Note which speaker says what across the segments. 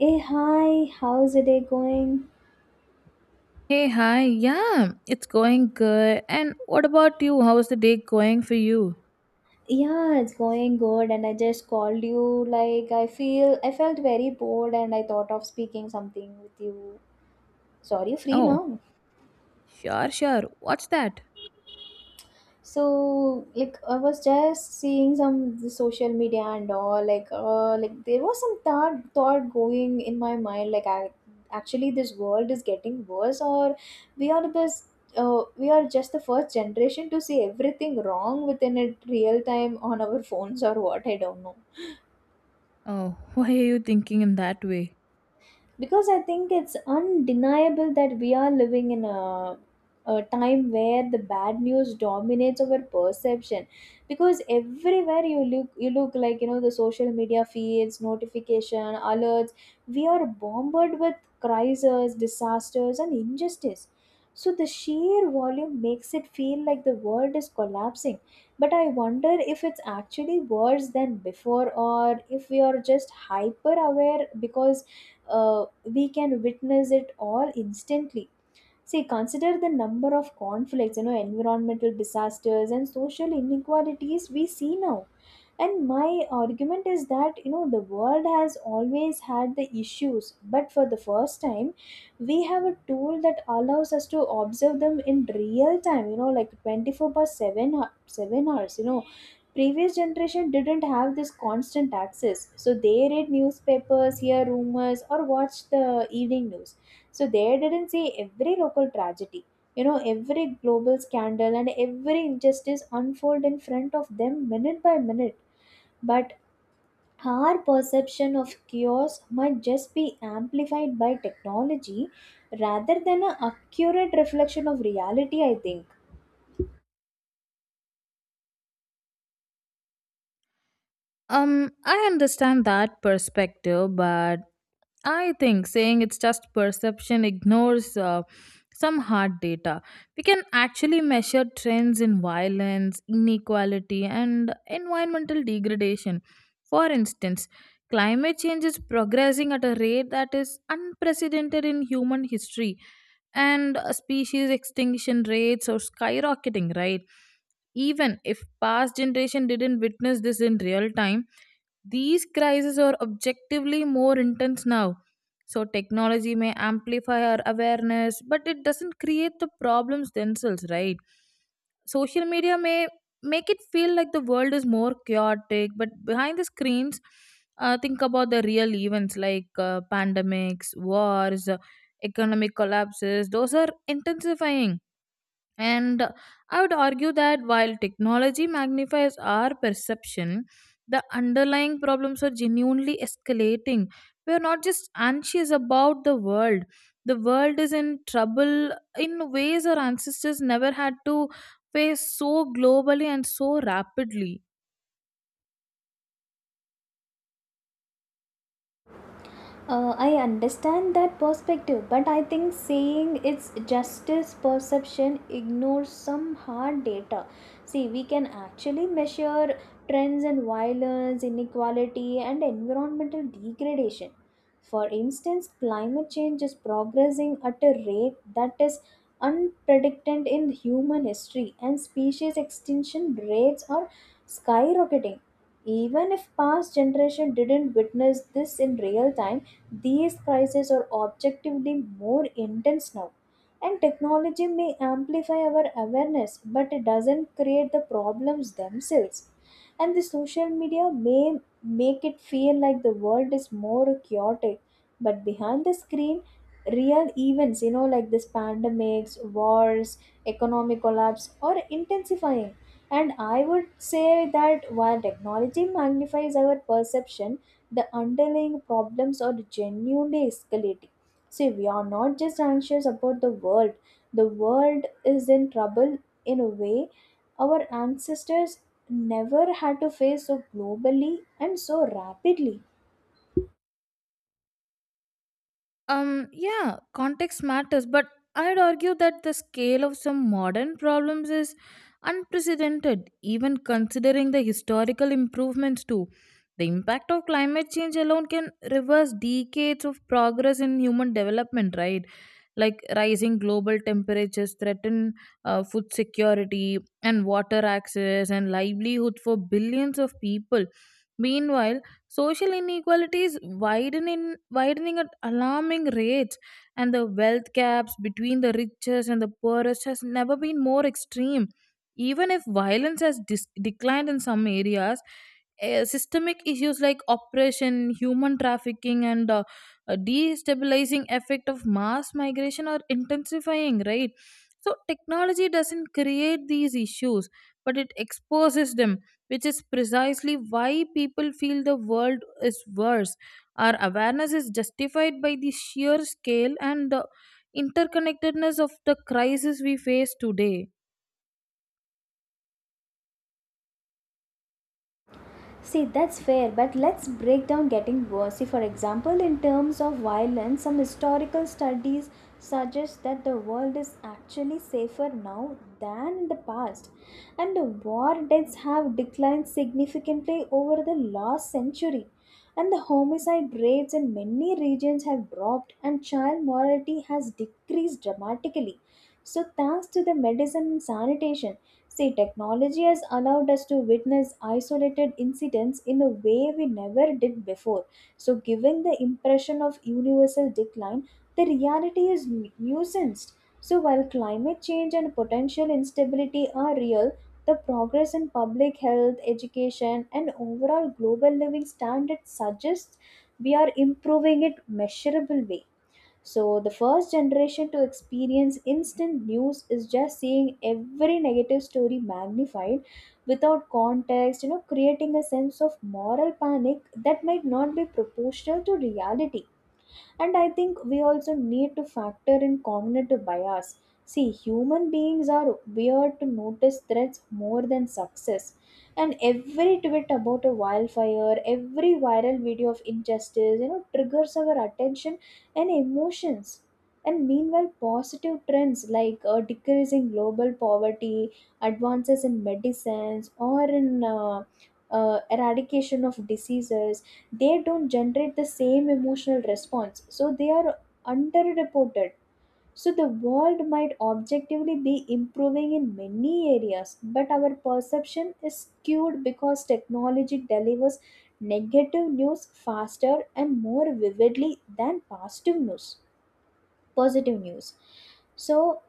Speaker 1: Hey, hi, how's the day going?
Speaker 2: Hey, hi. Yeah, it's going good. And what about you? How's the day going for you?
Speaker 1: Yeah, it's going good, and I just called you. Like, I felt very bored, and I thought of speaking something with you. Sorry, free
Speaker 2: Oh,
Speaker 1: now?
Speaker 2: sure, sure. What's that?
Speaker 1: So, like, I was just seeing some the social media and all, like there was some thought going in my mind, like I actually this world is getting worse, or we are this we are just the first generation to see everything wrong within it real time on our phones or what, I don't know.
Speaker 2: Oh, why are you thinking in that way?
Speaker 1: Because I think it's undeniable that we are living in a time where the bad news dominates our perception. Because everywhere you look like, you know, the social media feeds, notification alerts. We are bombarded with crises, disasters, and injustice. So the sheer volume makes it feel like the world is collapsing. But I wonder if it's actually worse than before, or if we are just hyper aware because we can witness it all instantly. See, consider the number of conflicts, you know, environmental disasters and social inequalities we see now. And my argument is that, you know, the world has always had the issues, but for the first time we have a tool that allows us to observe them in real time, you know, like 24 by 7 7 hours, you know. Previous generation didn't have this constant access, so they read newspapers, hear rumors, or watch the evening news. So they didn't see every local tragedy, you know, every global scandal, and every injustice unfold in front of them minute by minute. But our perception of chaos might just be amplified by technology rather than an accurate reflection of reality, I think.
Speaker 2: I understand that perspective, but I think saying it's just perception ignores some hard data. We can actually measure trends in violence, inequality, and environmental degradation. For instance, climate change is progressing at a rate that is unprecedented in human history, and species extinction rates are skyrocketing, right? Even if past generation didn't witness this in real time, these crises are objectively more intense now. So technology may amplify our awareness, but it doesn't create the problems themselves, right? Social media may make it feel like the world is more chaotic, but behind the screens, think about the real events, like pandemics, wars, economic collapses, those are intensifying. And I would argue that while technology magnifies our perception, the underlying problems are genuinely escalating. We are not just anxious about the world. The world is in trouble in ways our ancestors never had to face so globally and so rapidly.
Speaker 1: I understand that perspective, but I think saying it's justice perception ignores some hard data. See, we can actually measure trends in violence, inequality, and environmental degradation. For instance, climate change is progressing at a rate that is unprecedented in human history, and species extinction rates are skyrocketing. Even if past generation didn't witness this in real time, these crises are objectively more intense now, and technology may amplify our awareness, but it doesn't create the problems themselves. And the social media may make it feel like the world is more chaotic, but behind the screen, real events, you know, like this pandemics, wars, economic collapse, are intensifying. And I would say that while technology magnifies our perception, the underlying problems are genuinely escalating. See, we are not just anxious about the world is in trouble in a way our ancestors never had to face so globally and so rapidly.
Speaker 2: Yeah, context matters, but I'd argue that the scale of some modern problems is unprecedented, even considering the historical improvements too. The impact of climate change alone can reverse decades of progress in human development, right? Like rising global temperatures threaten food security and water access and livelihood for billions of people. Meanwhile, social inequality is widening at alarming rates, and the wealth gaps between the richest and the poorest has never been more extreme. Even if violence has declined in some areas, eh, systemic issues like oppression, human trafficking, and a destabilizing effect of mass migration are intensifying, right? So technology doesn't create these issues, but it exposes them, which is precisely why people feel the world is worse. Our awareness is justified by the sheer scale and the interconnectedness of the crisis we face today.
Speaker 1: See, that's fair, but let's break down getting worse. See, for example, in terms of violence, some historical studies suggest that the world is actually safer now than in the past, and the war deaths have declined significantly over the last century. And the homicide rates in many regions have dropped, and child mortality has decreased dramatically. So, thanks to the medicine and sanitation. See, technology has allowed us to witness isolated incidents in a way we never did before. So, giving the impression of universal decline, the reality is nuanced. So, while climate change and potential instability are real, the progress in public health, education, and overall global living standards suggests we are improving it measurable way. So, the first generation to experience instant news is just seeing every negative story magnified without context, you know, creating a sense of moral panic that might not be proportional to reality. And I think we also need to factor in cognitive bias. See, human beings are weird to notice threats more than success. And every tweet about a wildfire, every viral video of injustice, you know, triggers our attention and emotions. And meanwhile, positive trends like decreasing global poverty, advances in medicines, or in eradication of diseases, they don't generate the same emotional response, so they are underreported. So the world might objectively be improving in many areas, but our perception is skewed because technology delivers negative news faster and more vividly than positive news. So,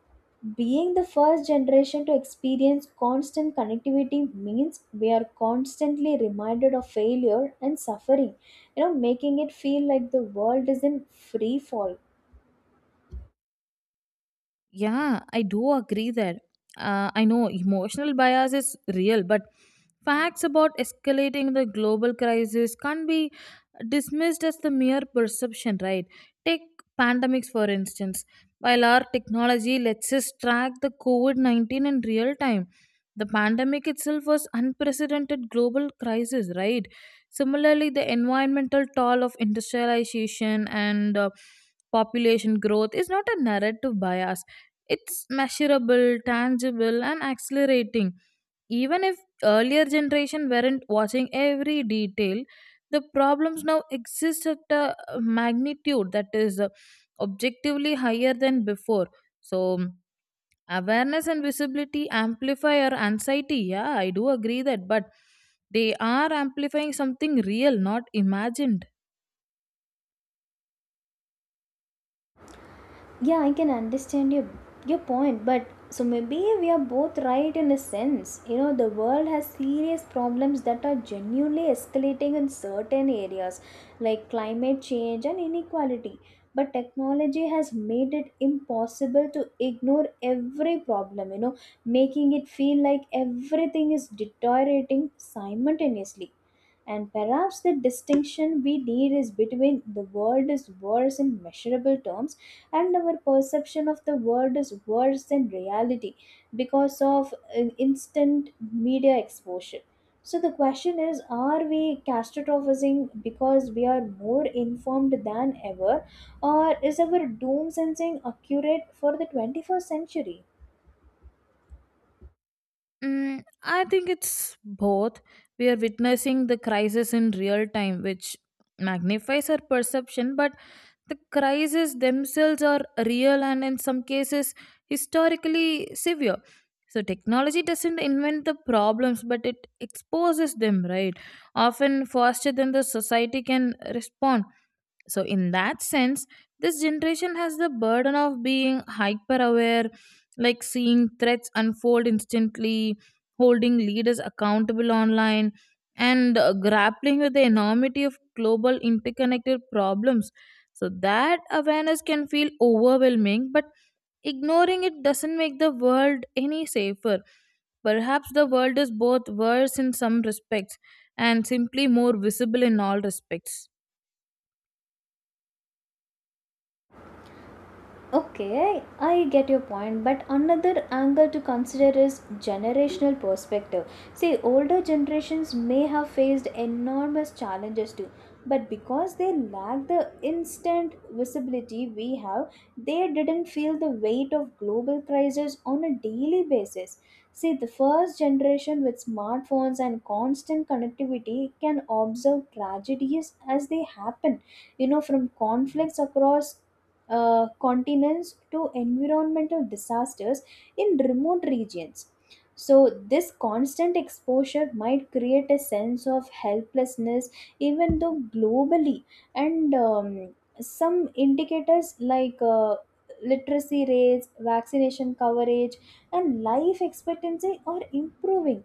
Speaker 1: being the first generation to experience constant connectivity means we are constantly reminded of failure and suffering, you know, making it feel like the world is in free fall.
Speaker 2: Yeah, I do agree that. I know emotional bias is real, but facts about escalating the global crisis can't be dismissed as the mere perception, right? Take pandemics, for instance. While our technology lets us track the COVID 19 in real time, the pandemic itself was unprecedented global crisis, right? Similarly, the environmental toll of industrialization and population growth is not a narrative bias, it's measurable, tangible, and accelerating. Even if earlier generation weren't watching every detail, the problems now exist at a magnitude that is objectively higher than before. So mm, awareness and visibility amplify our anxiety. Yeah, I do agree that, but they are amplifying something real, not imagined.
Speaker 1: Yeah, I can understand your point, but so maybe we are both right in a sense, you know, the world has serious problems that are genuinely escalating in certain areas like climate change and inequality, but technology has made it impossible to ignore every problem, you know, making it feel like everything is deteriorating simultaneously. And perhaps the distinction we need is between the world is worse in measurable terms and our perception of the world is worse than reality because of an instant media exposure. So the question is, are we catastrophizing because we are more informed than ever, or is our doom sensing accurate for the 21st century?
Speaker 2: Mm, I think it's both. We are witnessing the crisis in real time, which magnifies our perception, but the crises themselves are real and in some cases historically severe. So, technology doesn't invent the problems, but it exposes them, right? Often faster than the society can respond. So, in that sense, this generation has the burden of being hyper aware, like seeing threats unfold instantly, holding leaders accountable online, and grappling with the enormity of global interconnected problems. So, that awareness can feel overwhelming, but ignoring it doesn't make the world any safer. Perhaps the world is both worse in some respects and simply more visible in all respects.
Speaker 1: Okay, I get your point, but another angle to consider is generational perspective. See, older generations may have faced enormous challenges too, but because they lack the instant visibility we have, they didn't feel the weight of global crisis on a daily basis. See, the first generation with smartphones and constant connectivity can observe tragedies as they happen, you know, from conflicts across continents to environmental disasters in remote regions. So, this constant exposure might create a sense of helplessness, even though globally, and some indicators like literacy rates, vaccination coverage, and life expectancy are improving.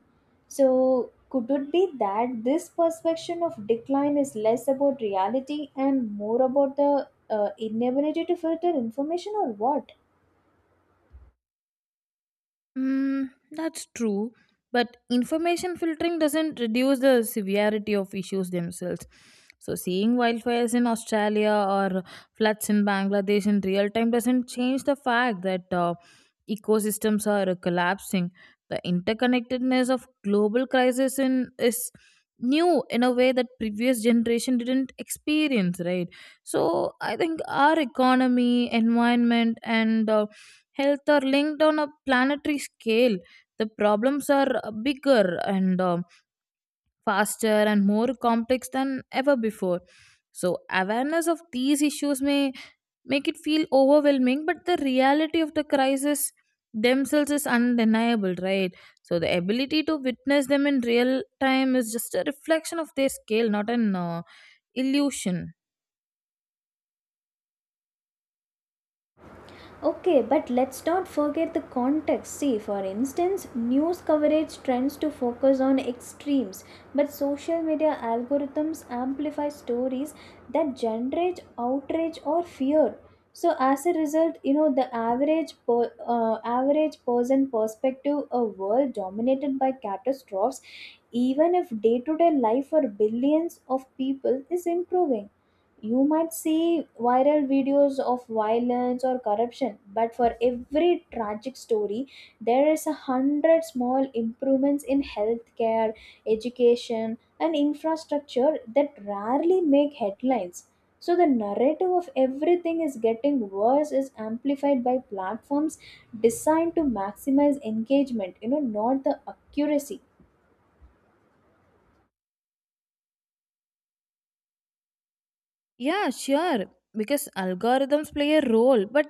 Speaker 1: So, could it be that this perception of decline is less about reality and more about the inability to filter information or what?
Speaker 2: Mm, that's true, but information filtering doesn't reduce the severity of issues themselves. So, seeing wildfires in Australia or floods in Bangladesh in real time doesn't change the fact that ecosystems are collapsing. The interconnectedness of global crisis in, is new in a way that previous generation didn't experience, right? So, I think our economy, environment, and health are linked on a planetary scale. The problems are bigger and faster and more complex than ever before. So, awareness of these issues may make it feel overwhelming, but the reality of the crisis themselves is undeniable, right? So, the ability to witness them in real time is just a reflection of their scale, not an illusion.
Speaker 1: Okay, but let's not forget the context. See, for instance, news coverage trends to focus on extremes, but social media algorithms amplify stories that generate outrage or fear. So, as a result, you know, the average average person perspective, a world dominated by catastrophes, even if day to day life for billions of people is improving. You might see viral videos of violence or corruption, but for every tragic story, there is 100 small improvements in healthcare, education, and infrastructure that rarely make headlines. So, the narrative of everything is getting worse is amplified by platforms designed to maximize engagement, you know, not the accuracy.
Speaker 2: Yeah, sure. Because algorithms play a role, but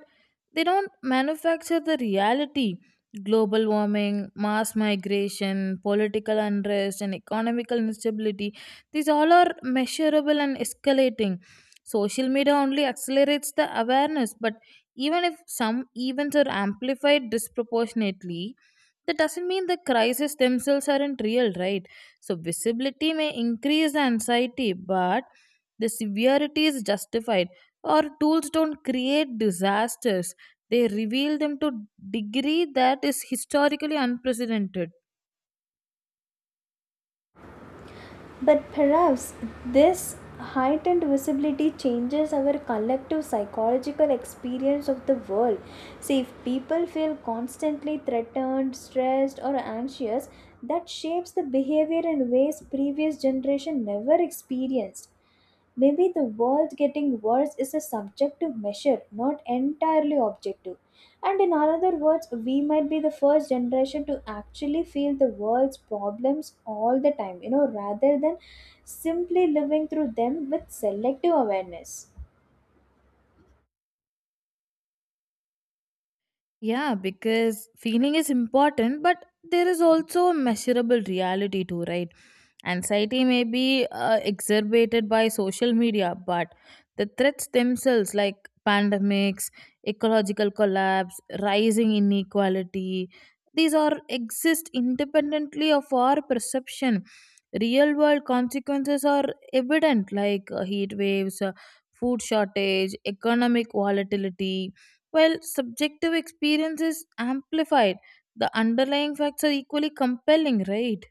Speaker 2: they don't manufacture the reality. Global warming, mass migration, political unrest, and economical instability, these all are measurable and escalating. Social media only accelerates the awareness, but even if some events are amplified disproportionately, that doesn't mean the crises themselves aren't real, right? So, visibility may increase the anxiety, but the severity is justified. Our tools don't create disasters, they reveal them to degree that is historically unprecedented.
Speaker 1: But perhaps this heightened visibility changes our collective psychological experience of the world. See, if people feel constantly threatened, stressed, or anxious, that shapes the behavior in ways previous generation never experienced. Maybe the world getting worse is a subjective measure, not entirely objective. And in other words, we might be the first generation to actually feel the world's problems all the time, you know, rather than simply living through them with selective awareness.
Speaker 2: Yeah, because feeling is important, but there is also a measurable reality too, right? Anxiety may be exacerbated by social media, but the threats themselves, like pandemics, ecological collapse, rising inequality, these are exist independently of our perception. Real world consequences are evident, like heat waves, food shortage, economic volatility, while subjective experience is amplified, the underlying facts are equally compelling, right?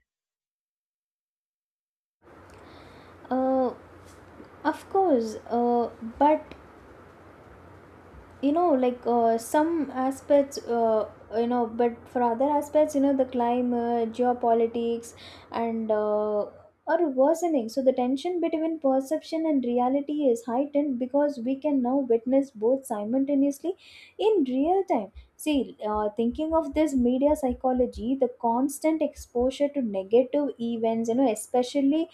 Speaker 1: Uh, of course, but, you know, like, some aspects, you know, but for other aspects, you know, the climate, geopolitics, and are worsening. So the tension between perception and reality is heightened because we can now witness both simultaneously in real time. See, thinking of this media psychology, the constant exposure to negative events, you know, especially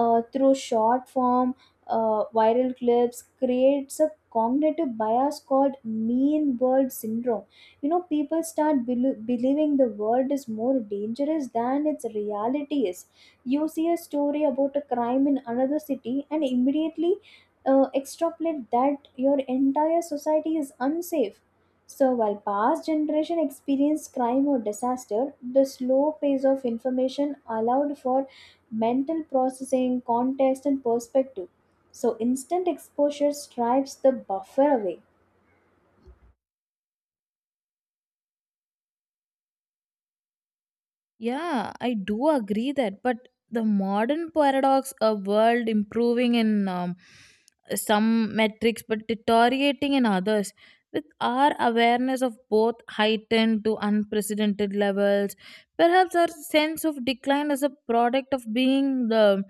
Speaker 1: through short form viral clips creates a cognitive bias called mean world syndrome. You know, people start believing the world is more dangerous than its reality is. You see a story about a crime in another city and immediately extrapolate that your entire society is unsafe. So while past generation experienced crime or disaster, the slow pace of information allowed for mental processing, context and perspective. So instant exposure strips the buffer away.
Speaker 2: Yeah, I do agree that, but the modern paradox, a world improving in some metrics but deteriorating in others, with our awareness of both heightened to unprecedented levels, perhaps our sense of decline as a product of being the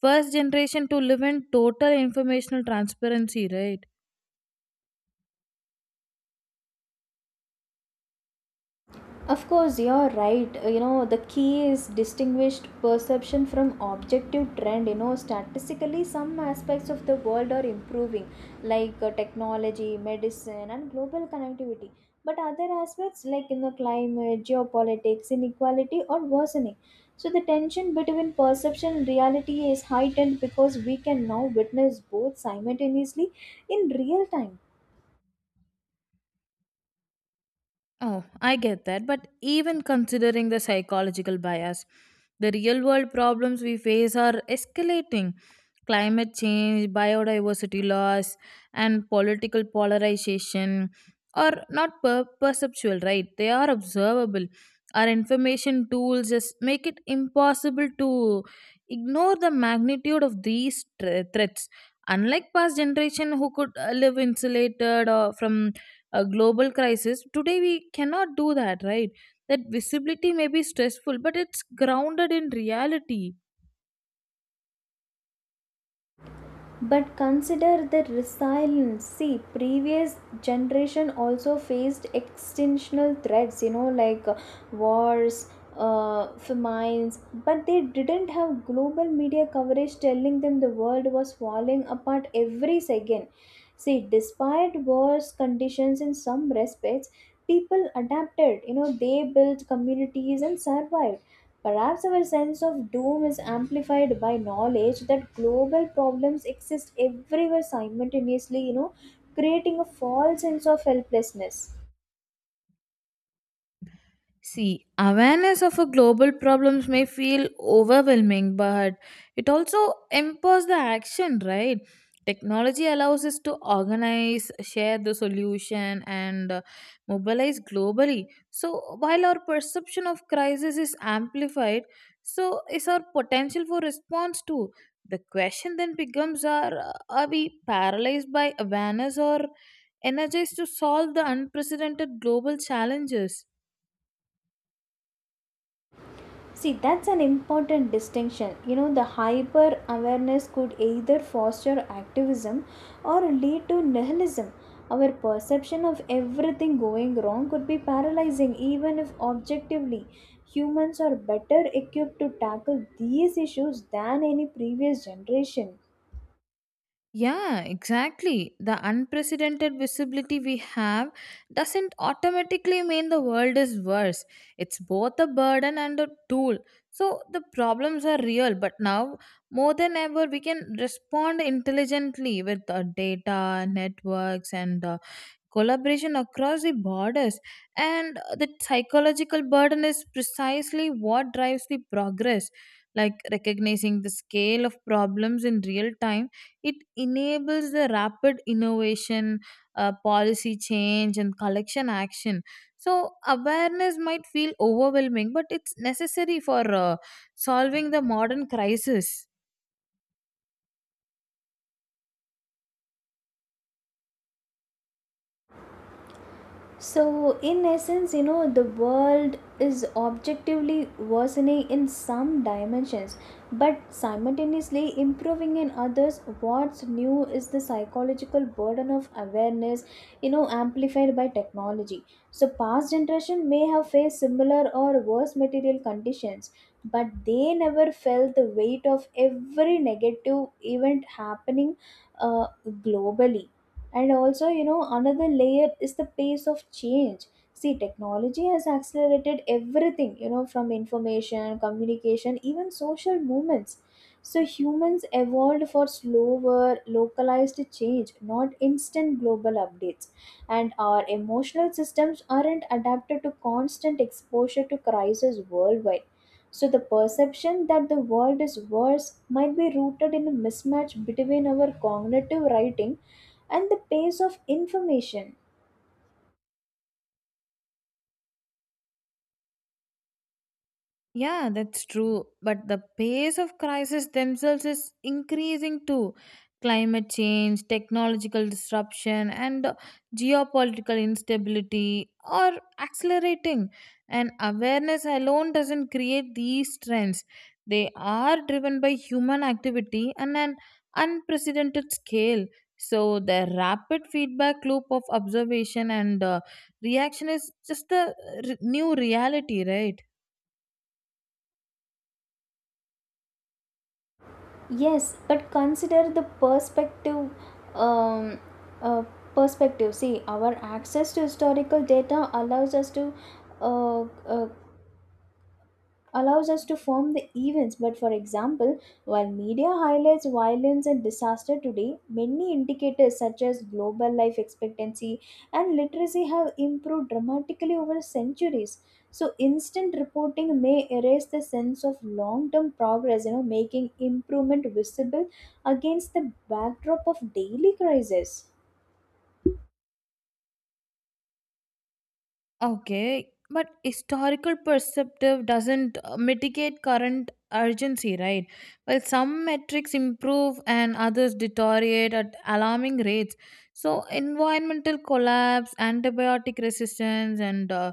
Speaker 2: first generation to live in total informational transparency, right?
Speaker 1: Of course, you're right. You know, the key is distinguished perception from objective trend. You know, statistically, some aspects of the world are improving, like technology, medicine, and global connectivity. But other aspects, like in the climate, geopolitics, inequality, are worsening. So the tension between perception and reality is heightened because we can now witness both simultaneously in real time.
Speaker 2: Oh, I get that. But even considering the psychological bias, the real world problems we face are escalating. Climate change, biodiversity loss, and political polarization are not perceptual, right? They are observable. Our information tools just make it impossible to ignore the magnitude of these threats. Unlike past generation who could live insulated or from a global crisis today, we cannot do that, right? That visibility may be stressful, but it's grounded in reality.
Speaker 1: But consider the resilience. See, previous generation also faced extensional threats, you know, like wars, famines, but they didn't have global media coverage telling them the world was falling apart every second. See, despite worse conditions in some respects, people adapted, you know, they built communities and survived. Perhaps our sense of doom is amplified by knowledge that global problems exist everywhere simultaneously, you know, creating a false sense of helplessness.
Speaker 2: See, awareness of a global problems may feel overwhelming, but it also empowers the action, right? Technology allows us to organize, share the solution, and mobilize globally. So, while our perception of crisis is amplified, so is our potential for response too. The question then becomes: are are we paralyzed by awareness or energized to solve the unprecedented global challenges?
Speaker 1: See, that's an important distinction. You know, the hyper awareness could either foster activism or lead to nihilism. Our perception of everything going wrong could be paralyzing, even if objectively humans are better equipped to tackle these issues than any previous generation.
Speaker 2: Yeah, exactly. The unprecedented visibility we have doesn't automatically mean the world is worse. It's both a burden and a tool. So the problems are real, but now more than ever, we can respond intelligently with data, networks, and collaboration across the borders, and the psychological burden is precisely what drives the progress, like recognizing the scale of problems in real time, it enables the rapid innovation, policy change and collection action. So awareness might feel overwhelming, but it's necessary for solving the modern crisis.
Speaker 1: So, in essence, you know, the world is objectively worsening in some dimensions, but simultaneously improving in others. What's new is the psychological burden of awareness, you know, amplified by technology. So, past generation may have faced similar or worse material conditions, but they never felt the weight of every negative event happening globally. And also, you know, another layer is the pace of change. See, technology has accelerated everything, you know, from information, communication, even social movements. So, humans evolved for slower, localized change, not instant global updates. And our emotional systems aren't adapted to constant exposure to crises worldwide. So, the perception that the world is worse might be rooted in a mismatch between our cognitive writing and the pace of information.
Speaker 2: Yeah, that's true. But the pace of crises themselves is increasing too. Climate change, technological disruption, and geopolitical instability are accelerating. And awareness alone doesn't create these trends. They are driven by human activity on an unprecedented scale. So, the rapid feedback loop of observation and reaction is just a new reality, right?
Speaker 1: Yes, but consider the perspective. Um, uh, Perspective. See, our access to historical data uh, uh, allows us to form the events. But for example, while media highlights violence and disaster today, many indicators such as global life expectancy and literacy have improved dramatically over centuries. So instant reporting may erase the sense of long-term progress, you know, making improvement visible against the backdrop of daily crisis.
Speaker 2: Okay, but historical perspective doesn't mitigate current urgency, right? Well, some metrics improve and others deteriorate at alarming rates. So, environmental collapse, antibiotic resistance, and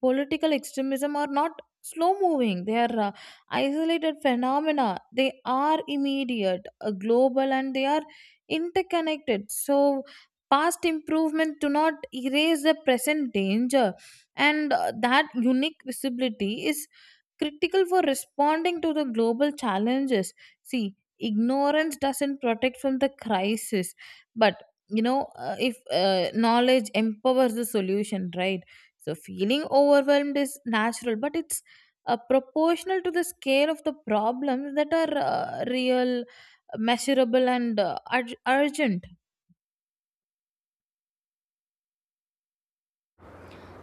Speaker 2: political extremism are not slow moving, they are isolated phenomena, they are immediate, global, and they are interconnected. So past improvement do not erase the present danger, and that unique visibility is critical for responding to the global challenges. See, ignorance doesn't protect from the crisis, but you know, if knowledge empowers the solution, right? So feeling overwhelmed is natural, but it's proportional to the scale of the problems that are real, measurable, and urgent.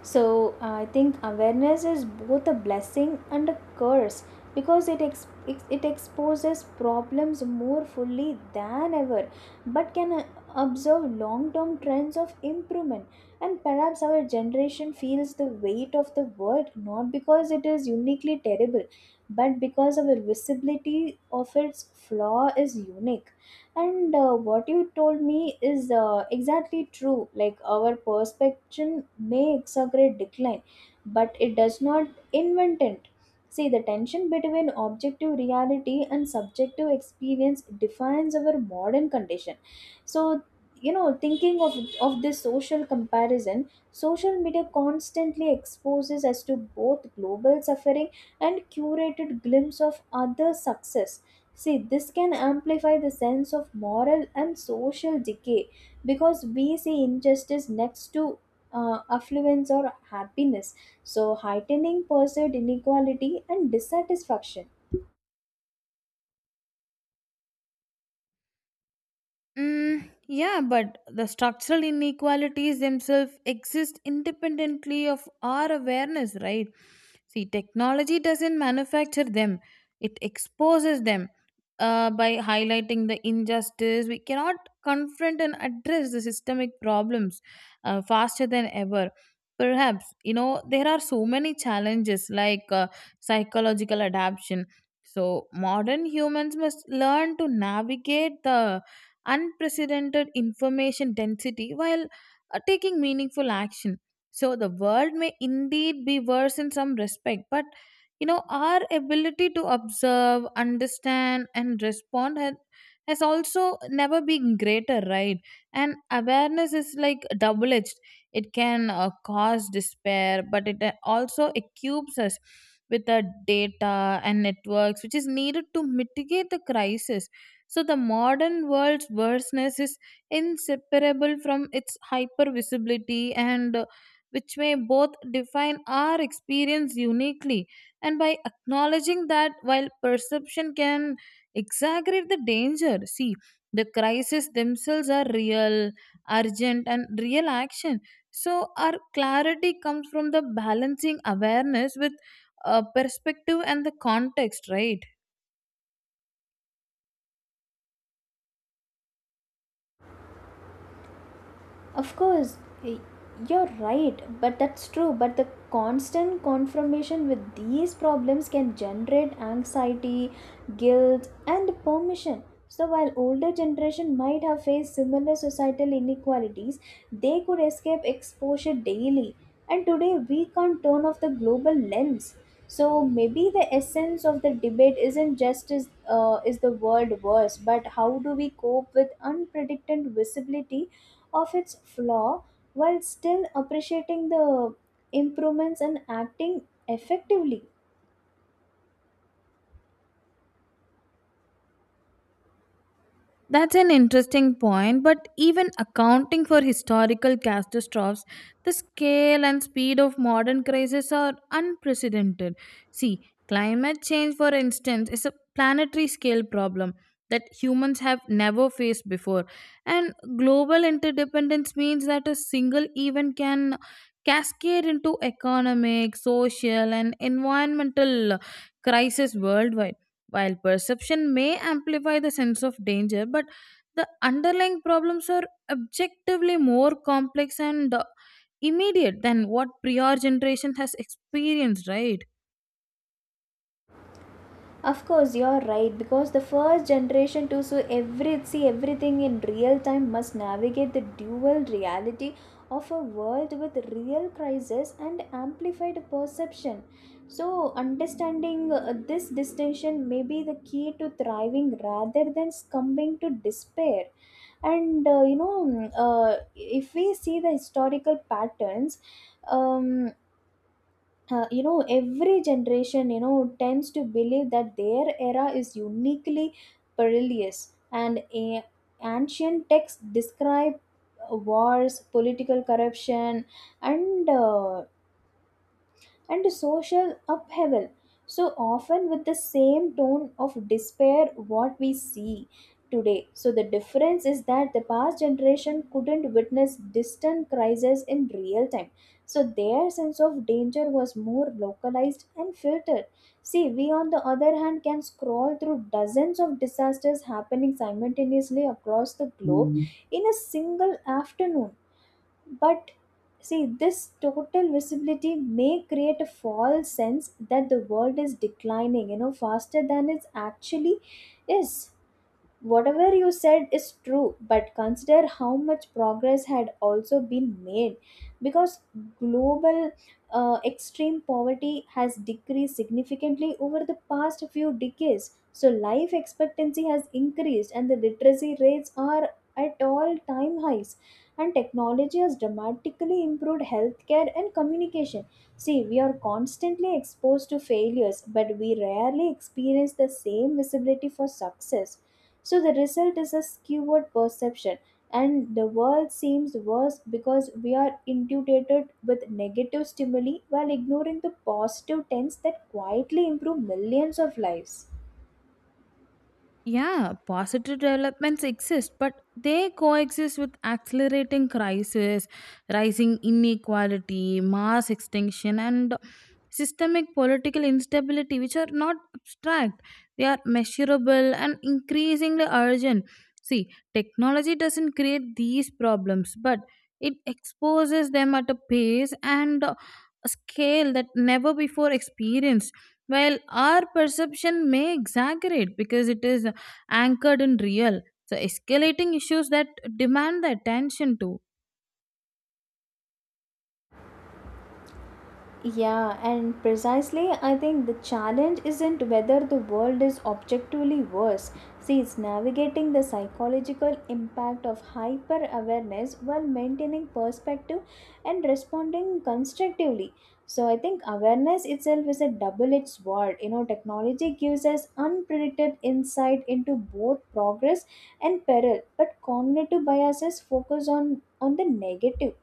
Speaker 1: So I think awareness is both a blessing and a curse because it ex- it exposes problems more fully than ever, but can observe long-term trends of improvement. And perhaps our generation feels the weight of the word not because it is uniquely terrible, but because our visibility of its flaw is unique. And what you told me is exactly true, like our perception may exaggerate decline, but it does not invent it. See, the tension between objective reality and subjective experience defines our modern condition. So, you know, thinking of this social comparison, social media constantly exposes us to both global suffering and curated glimpse of other success. See, this can amplify the sense of moral and social decay because we see injustice next to affluence or happiness, so heightening perceived inequality and dissatisfaction.
Speaker 2: Mm, yeah, but the structural inequalities themselves exist independently of our awareness, right? See, technology doesn't manufacture them, it exposes them. By highlighting the injustice, we cannot confront and address the systemic problems faster than ever. Perhaps, you know, there are so many challenges like psychological adaptation. So, modern humans must learn to navigate the unprecedented information density while taking meaningful action. So the world may indeed be worse in some respect, but you know our ability to observe, understand, and respond has also never been greater, right? And awareness is like double-edged. It can cause despair, but it also equips us with the data and networks which is needed to mitigate the crisis. So the modern world's vastness is inseparable from its hyper visibility and which may both define our experience uniquely. And by acknowledging that, while perception can exaggerate the danger, see, the crises themselves are real, urgent, and real action. So, our clarity comes from the balancing awareness with perspective and the context, right?
Speaker 1: Of course, y- you're right, but that's true. But the constant confrontation with these problems can generate anxiety, guilt, and permission. So, while older generation might have faced similar societal inequalities, they could escape exposure daily. And today, we can't turn off the global lens. So maybe the essence of the debate isn't just, is the world worse, but how do we cope with unpredicted visibility of its flaw while still appreciating the improvements and acting effectively?
Speaker 2: That's an interesting point, but even accounting for historical catastrophes, the scale and speed of modern crises are unprecedented. See, climate change, for instance, is a planetary scale problem that humans have never faced before, and global interdependence means that a single event can cascade into economic, social, and environmental crisis worldwide. While perception may amplify the sense of danger, but the underlying problems are objectively more complex and immediate than what prior generation has experienced, right?
Speaker 1: Of course, you're right because the first generation too. So every, see, everything in real time must navigate the dual reality of a world with real crisis and amplified perception. So understanding this distinction may be the key to thriving rather than succumbing to despair. And you know, if we see the historical patterns, um, you know, every generation, you know, tends to believe that their era is uniquely perilous. And ancient texts describe wars, political corruption, and and social upheaval. So often with the same tone of despair what we see today. So the difference is that the past generation couldn't witness distant crises in real time. So their sense of danger was more localized and filtered. See, we on the other hand can scroll through dozens of disasters happening simultaneously across the globe in a single afternoon. But see, this total visibility may create a false sense that the world is declining, you know, faster than it actually is. Whatever you said is true, but consider how much progress had also been made because global extreme poverty has decreased significantly over the past few decades. So life expectancy has increased and the literacy rates are at all time highs, and technology has dramatically improved healthcare and communication. See, we are constantly exposed to failures but we rarely experience the same visibility for success. So the result is a skewed perception, and the world seems worse because we are inundated with negative stimuli while ignoring the positive trends that quietly improve millions of lives.
Speaker 2: Yeah, positive developments exist, but they coexist with accelerating crisis, rising inequality, mass extinction, and systemic political instability, which are not abstract. They are measurable and increasingly urgent. See, technology doesn't create these problems, but it exposes them at a pace and a scale that never before experienced. While our perception may exaggerate because it is anchored in real, so escalating issues that demand the attention too.
Speaker 1: Yeah, and precisely I think the challenge isn't whether the world is objectively worse. See, it's navigating the psychological impact of hyper awareness while maintaining perspective and responding constructively. So I think awareness itself is a double-edged sword. You know, technology gives us unpredicted insight into both progress and peril, but cognitive biases focus on the negative.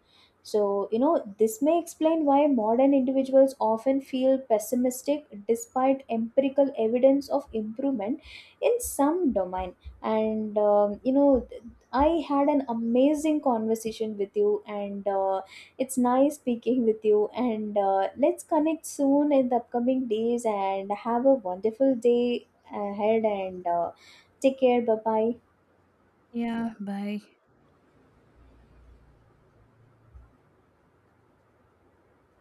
Speaker 1: So, you know, this may explain why modern individuals often feel pessimistic despite empirical evidence of improvement in some domain. And, you know, I had an amazing conversation with you, and it's nice speaking with you. And let's connect soon in the upcoming days and have a wonderful day ahead. And take care. Bye bye.
Speaker 2: Yeah, bye.